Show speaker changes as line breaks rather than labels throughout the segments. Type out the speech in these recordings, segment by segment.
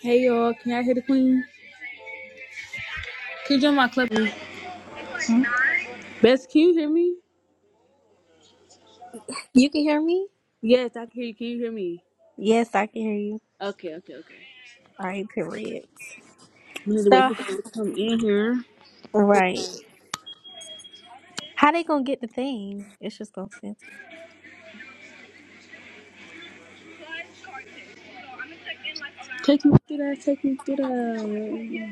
Hey y'all, can y'all hear the queen? Can you join my club? Best, can you hear me?
You can hear me?
Yes, I can hear you. Can you hear me?
Yes, I can hear you.
Okay, okay, okay.
All right, period.
We need to
So,
wait
Okay.
for people to come in here.
right. How they gonna get the thing? It's just gonna send.
Take me through that. Take me through that.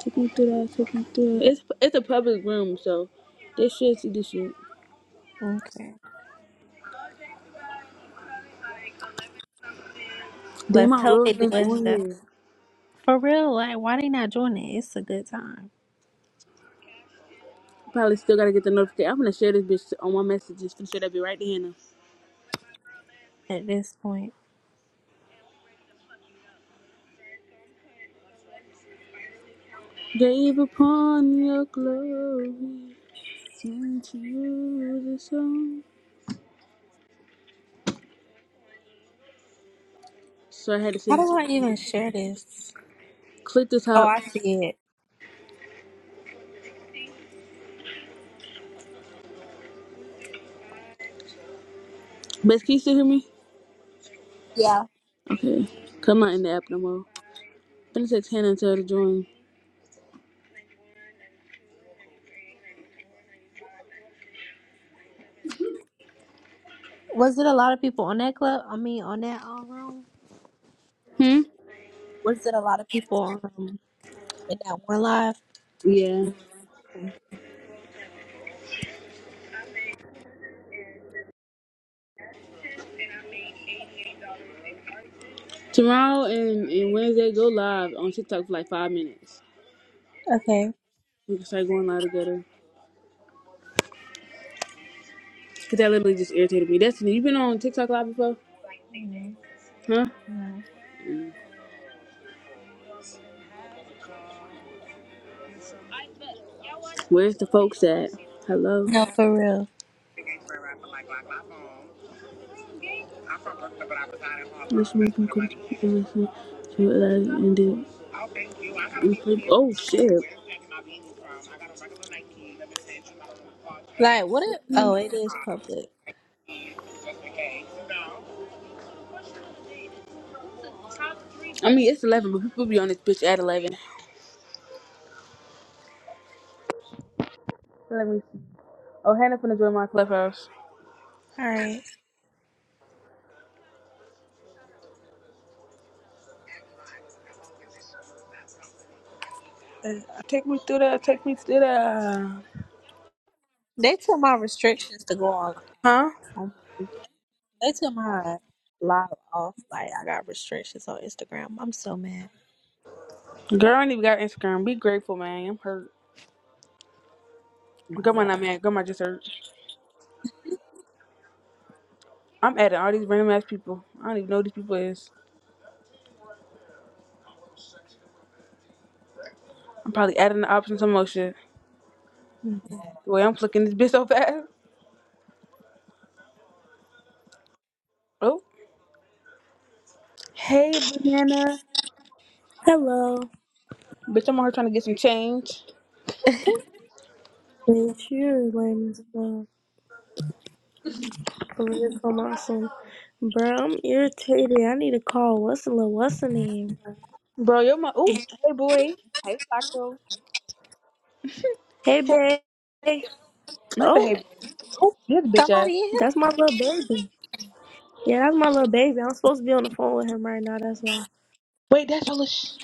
Take me through that. Take me through that. It's it's a public room, so they should see this shit.
Okay.
Damn,
Let's
my
hope
real
they do
name
it
on
just
here.
for real. Like, why they not doing it? It's a good time
Probably still gotta get the notification. I'm gonna share this bitch on my messages. Gonna share that be right there, now.
at this point.
Gave upon your glory, sent you the song. So I had to
How
send it
do
to
I
you.
even share this?
Click the
Oh,
top.
I see it.
Best can you still hear me?
Yeah.
Okay. Come out in the app no more. Finna text Hannah and tell her to join.
Was it a lot of people on that club? I mean, on that um, room?
Hmm?
Was it a lot of people um, in that one live?
Yeah. Tomorrow and, and Wednesday go live on TikTok for like five minutes.
Okay.
We can start going live together. Cause that literally just irritated me. Destiny, you been on TikTok live before? Huh? Where's the folks at? Hello?
No, for real.
This man from to what Oh shit! i
Like, what? If, oh, it is public.
mean it's eleven, but people be on this bitch at eleven. Let me see. Oh, Hannah finna join my clubhouse.
All right.
Uh, Take me through that. Take me through that.
They took my restrictions to go online.
Huh?
On my, freaking- they took my live off. Like I got restrictions on Instagram. I'm so mad.
Girl, I ain't even got Instagram. Be grateful, man. I'm hurt.
Oh my
Grandma
god.
not mad. Grandma just hurt. I'm adding all these random ass people. I don't even know who these people is. I'm probably adding the options some more shit.
Mm.
Well, I'm flicking this bitch so fast. Oh, hey, banana.
Hello,
Bitch, I'm out here trying to get some change.
it's your lame as well. Over here, Kamasi. Bro, I'm irritated. I need to call. What's the little, what's the name?
Bro, yo, my. Oh, hey, boy. Hey, Flacco.
Hey,
Hey,
babe.
not the
Oh,
hey. boy. Oh, this bitch ass.
Somebody in here?
that's my little baby. Yeah, that's my little baby. I'm supposed to be on the phone with him right now. That's why
Wait, that's your little sh-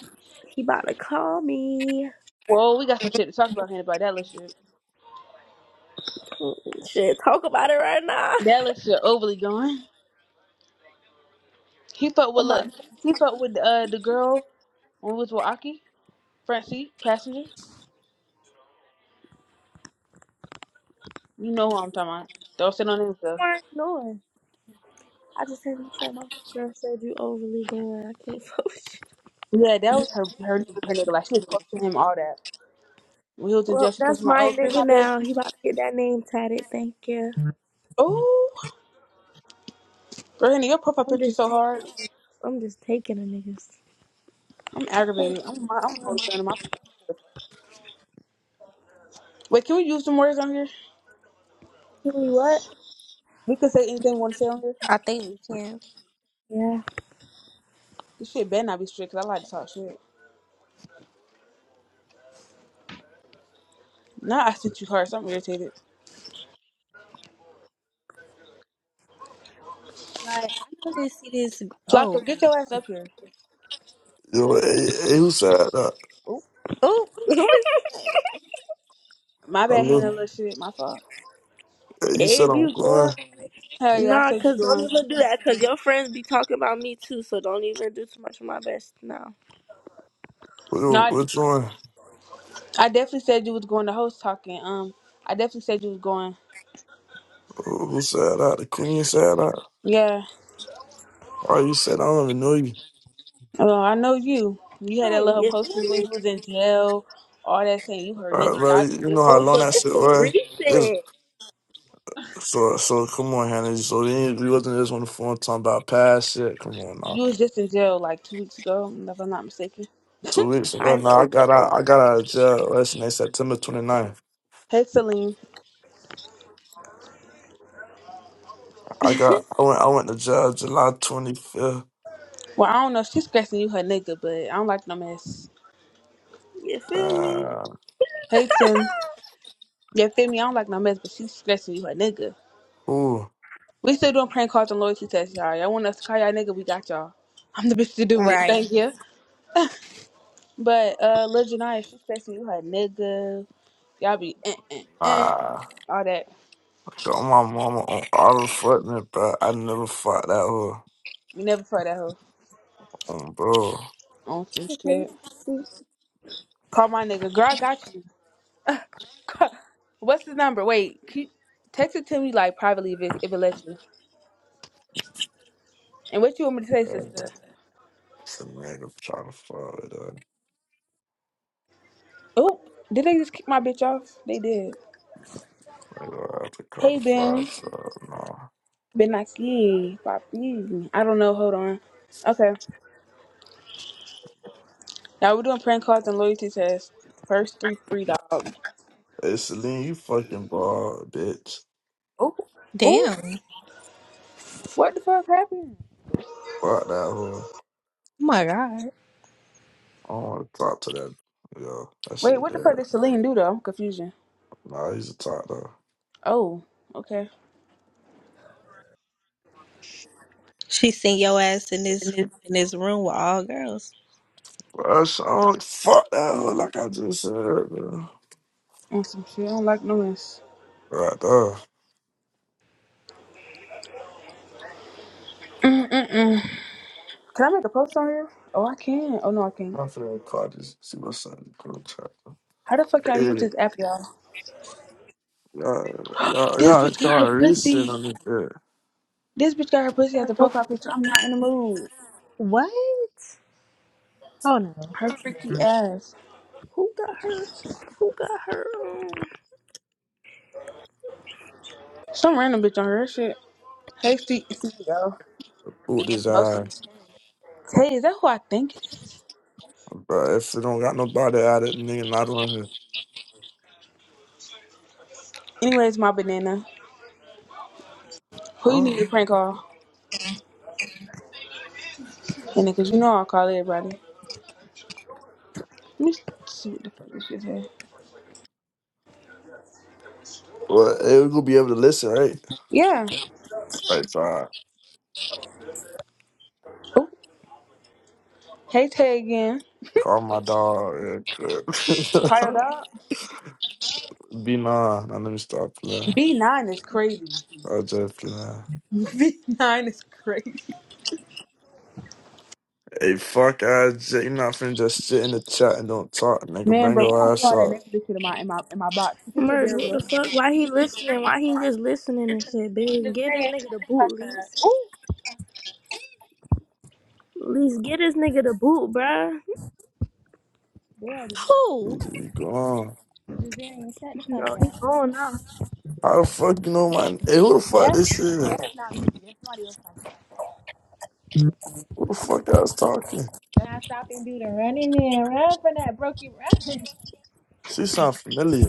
he about to call me.
Whoa, we got some shit to talk about here about that little shit.
Mm, Shit, talk about it right now.
That little shit overly going. He fucked
I'm
with,
not
look, he fucked with uh, the girl when we was with Aki, Francie, passenger. You know who I'm talking about. Don't say no names, though.
ignoring. ignoring. I just said, I said my girl said you overly going. I can't fuck with you.
Yeah, that was her, her, her nigga. Like, she was close to him, all that. When he was in
Well,
jail, she was close
that's
to my
my
oh, free
nigga
my baby.
now. He about to get that name tatted. Thank you.
Oh, Brandy, your profile
I'm
picture's
just
so
taking.
hard.
I'm just taking a niggas.
I'm
Oh,
aggravated. I'm my, I'm holding down my profile picture. Wait, can we use some words on here?
Kiwi, what?
We can say anything we want to say on here.
I think we can.
Yeah.
This shit better not be strict, cause I like to talk shit. Now I sent you cards. So I'm irritated.
Like I know they see this. Oh,
Flocko, get your ass up here.
Yo, hey, hey, who said that?
Oh,
oh, who is
my
I
bad,
look.
Hannah. Little shit. My fault.
Hey, you said
If
I'm
you
going.
bored,
Hell yeah, I
nah,
said you
cause don't
going.
even do that, cause your friends be talking about me too. So don't even do too much of my best now.
No,
Who-
I,
Which one?
I definitely said you was going to host talking. Um, I definitely said you was going.
Who who said that? The queen said that.
Yeah.
Or you said I don't even know you.
Oh, I know you. You had that
Oh,
little
you
posting
feel
when
me?
you was in jail. All that saying you
All
heard
right,
niggas.
bro.
Y'all just
You know
this
how
Oh, so
long
guy.
that
this
shit
was
was. This
recent.
so so. Come on, Hannah. So we ain't- we wasn't just on the phone talking about past shit. Come on now.
You was just in jail like two weeks ago, if I'm not mistaken.
Two weeks ago,
I
now I
know, but
got
I,
out. I got out of jail last night, September 29th.
Hey Celine.
I
that?
got. I went. I went to jail July 25th.
Well, I don't know. if She's stressing you her nigga, but I don't like no mess.
you feel me?
Uh,
Hey Tim. Yeah, feel me? I don't like no mess, but she's stressing you her nigga.
who?
We still doing prank calls and loyalty tests, y'all. Y'all want us to call y'all nigga? We got y'all. I'm the bitch to do it.
right.
Thank you. But uh, Lil Janaya, she's stressing you her nigga. Y'all be eh, eh, eh.
Nah.
all that.
Throw my mama on all the fucking bro. I never fought that hoe
You never saw that hoe
on bro.
on some
Okay, we about
shit.
to see
Call my nigga. Girl, I got you. What's his number? Wait, can you- text it to me like privately if it, if it lets you. And what you want me to say,
Yeah, man.
sister?
Some nigga trying to fuck with her.
Oh, did they just kick my bitch off? They did.
Like, I have to call the
Hey
fire,
Ben,
so no.
Ben Naki, Papi. I don't know. Hold on. Okay. Now we're doing prank calls and loyalty tests. First three free dog.
Hey, Celine, you fucking bald, bitch.
Oh, oh,
Damn. Oh
what the fuck happened?
Fuck that hoe.
my god.
I don't want to talk to that. Yo, that
Wait,
shit
what the fuck
there.
did Celine do though? Confusion.
Nah, he's a talk though.
Oh, okay.
She seen your ass in this in this room with all girls.
Bro, so fuck that hoe like I just said, bro.
On some shit. I don't like no mess.
Right there.
Mm-mm-mm. Can I make a post on here? Oh, I can. Oh no, I can't.
I'm finna call this. See my son in the group chat.
How the fuck y'all use
Yeah.
this app, y'all?
Yeah, yeah,
This
yeah.
bitch got
all you
her pussy.
on this shit.
This bitch got her pussy as a profile picture. I'm not in the mood.
What? Oh no.
Her freaky ass.
who got her. Who got her? Um,
Some random bitch on her shit. Hey, Steve. Steve, yo.
Boot his
Most.
eyes,
Hey, is that who I think it is?
bro. If they don't got nobody at it, nigga not on his,
Anyways, my banana. Who you
huh?
need to prank call? And because you know I'll call everybody. Let me see what the fuck this shit say.
Well, they gonna be able to listen, right?
Yeah.
Right, so I
Oh. Hey, Tay again.
call my dog real quick.
Call your dog.
Be nah, now let me stop playing.
B9 is crazy.
i just play.
B9 is crazy.
Hey, fuck, I you not finna just sit in the chat and don't talk, nigga.
Man,
Bring
bro, we
your
don't do
ass
all that
up.
nigga shit in my in my in my box. You can sit
merge.
there and
What the
look.
fuck? Why he listening? Why he just listening and shit? Bitch, get this nigga the boot, least.
Ooh,
Least get this nigga the boot, bruh.
they already
Who?
You go on.
Kazarian, shut the
No,
fuck down.
he's going now.
How the fuck you know my? Hey, who the fuck
Yeah.
this is?
somebody else.
Who the fuck I was talking?
Now stop and do the running man. Run for that broken run.
She sound familiar.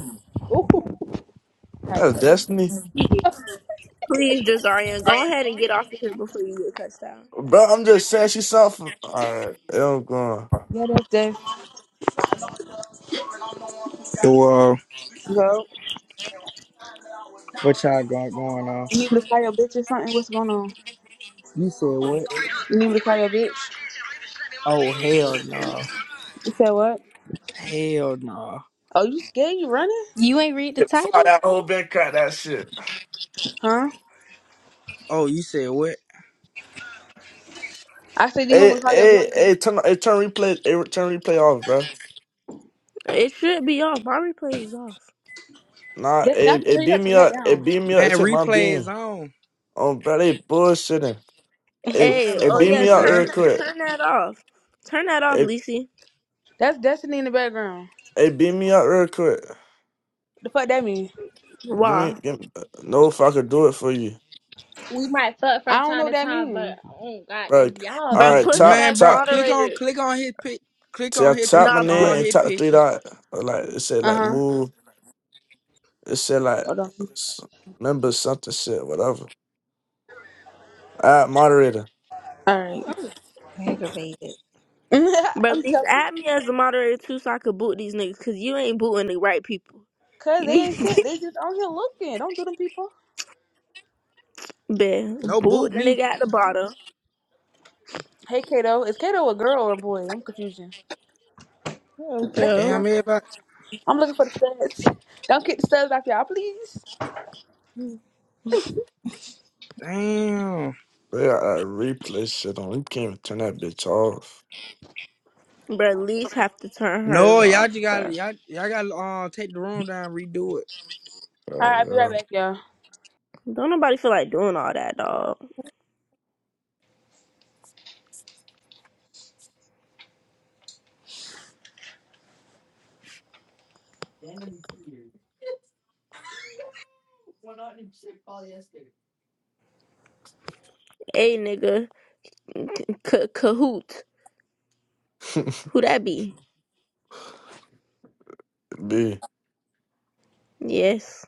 Ooh, right.
That's Destiny.
He- Please, Jazarian, go ahead and get off of here before you get touchdown.
Bro, I'm just saying she something. Alright, I'm going.
Yeah, that's Jeff.
So, uh,
Yo,
what y'all got going on?
you need me to call your bitch or something? What's going on?
You said what?
You need me to call your bitch?
Oh, hell no.
You said what?
Hell no.
Oh, you scared? You running?
You ain't read the
Fuck
title?
that whole been Crack that shit.
Huh?
Oh, you said what?
I said, do you want
Hey,
me to call your
hey,
bitch?
hey, turn, hey, turn replay, hey, turn replay off, bro.
It should be off. My replays is off.
Nah,
Destiny, I
hey,
can
hey,
hear you.
beat
Gotta
me
turn that
up, hey,
down.
beat me up,
Man,
It take my
replay is
being.
on.
Oh, bro, they bullshitting. Hey,
Y'all
Hey,
the
hey,
oh
beat
yeah,
me
police,
up
ain't
turn
real
it?
quick.
turn that off. Turn that off,
Hey,
Lisi.
That's Destiny in the background.
hey, beat me up real quick.
The fuck that mean?
Give me,
Why?
give me, no, if I could do it for you,
We might fuck from I don't time know what to that time, mean. but oh god,
bro.
that's y'all
All
Bruh,
bitch.
right,
put him
top,
Man,
as
bro,
top,
click on,
moderator.
click on his pic, click on
tap
his
tap
pic,
my
Nah,
on
name
put.
and
his
tap the three
picture.
dot. Or Like it said,
Uh
like
huh.
move. It said like
Hold on.
s- remember something said whatever. All right, moderator.
All right.
Aggravated.
Bruh,
I'm
Lisa,
telling you.
add me as a moderator too so I could boot these niggas because you ain't booting the right people.
Cause
You
they
need
ain't
to
sent. They just out here looking. Don't do them people.
Ben,
No
boot
boot
the
That-
me.
nigga at the bottom.
Hey Kato, is Kato a girl or a boy? I'm confusing.
Oh
That's a girl.
Damn, everybody.
I'm looking for the studs. Don't get the studs off y'all, please.
no.
Damn.
They got a replay shit on. You can't even turn that bitch off.
Bruh, Lise have to turn hers
No, y'all just
off,
gotta,
bruh.
y'all, y'all gotta, uh, take the room down, and redo it.
All right, I'll be right
Uh,
back, y'all.
Don't nobody feel like doing all that, dog.
Denim Peter. Went out and checked polyester.
Hey, nigga. K- Kahoot.
yeah.
Who that be?
B.
Yes.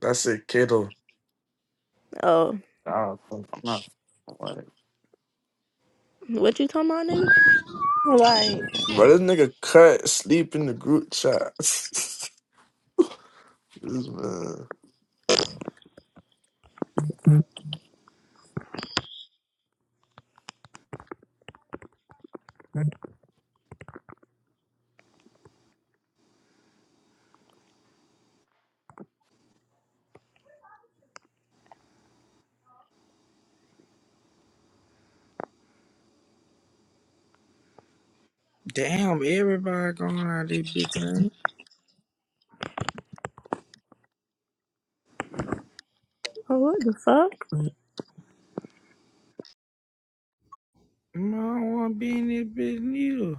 That's it, Kato.
Oh,
Oh, not for what.
what you talking about, nigga?
Like.
Bro, this nigga cut sleep in the group chat. this man.
Damn, everybody going out this bitch, ain't
Oh, what the fuck?
it? No, I don't wanna be in this bitch neither.